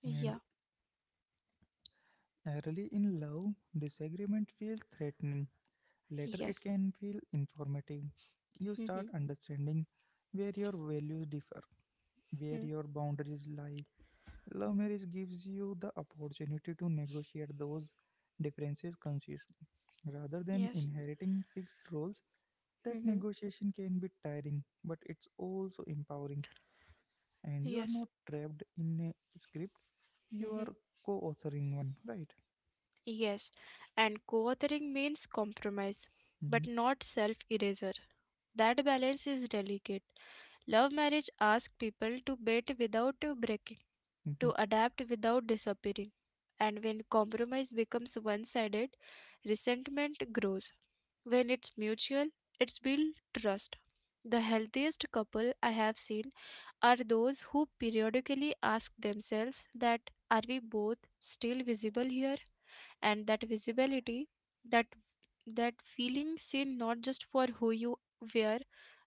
Yeah. And early in love, disagreement feels threatening. Later, it Yes. can feel informative. You Mhm. start understanding where your values differ, where Mhm. your boundaries lie. Love marriage gives you the opportunity to negotiate those differences consciously. Rather than Yes. inheriting fixed roles, that Mhm. negotiation can be tiring, but it's also empowering. And you are Yes. not trapped in a script, you Mhm. are co authoring one, right? Yes. And co authoring means compromise, but hmm not self erasure. That balance is delicate. Love marriage asks people to bend without breaking, hmm to adapt without disappearing. And when compromise becomes one sided, resentment grows. When it's mutual, it's built trust. The healthiest couple I have seen are those who periodically ask themselves that, are we both still visible here? And that visibility, that that feeling seen, not just for who you were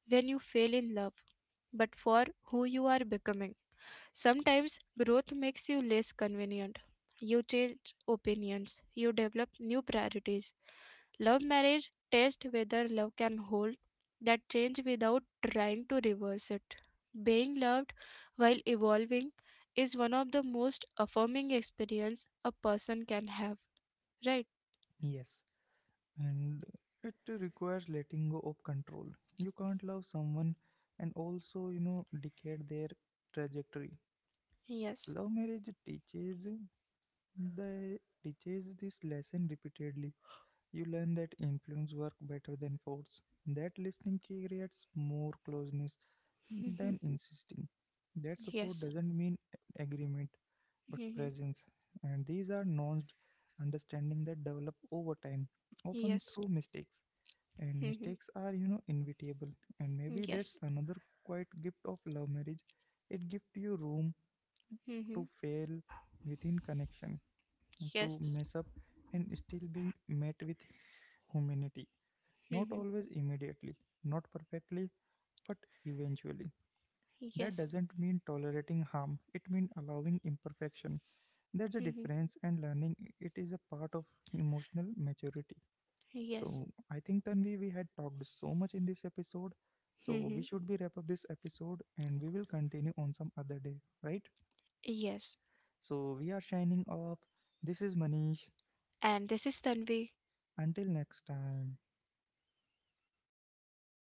when you fell in love, but for who you are becoming. Sometimes growth makes you less convenient. You change opinions, you develop new priorities. Love marriage tests whether love can hold that change without trying to reverse it. Being loved while evolving is one of the most affirming experience a person can have, right? Yes. And it requires letting go of control. You can't love someone and also, dictate their trajectory. Yes. Love marriage teaches, they teaches this lesson repeatedly. You learn that influence works better than force. That listening creates more closeness than Mhm. insisting. That support Yes. doesn't mean agreement but Mhm. presence. And these are nuanced understanding that develop over time, often Yes. through mistakes. And Mhm. mistakes are, inevitable. And maybe that's Yes. another quiet gift of love marriage. It gives you room to Mhm. fail within connection, to Yes. mess up and still be met with humanity. Not Mhm. always immediately, not perfectly, but eventually. That Yes. doesn't mean tolerating harm, it means allowing imperfection. There's a Hmm. difference, and learning it is a part of emotional maturity. Yes. So, I think Tanvi, we had talked so much in this episode. So, we Hmm. should be wrap up this episode and we will continue on some other day, right? Yes. So, we are shining off. This is Manish. And this is Tanvi. Until next time.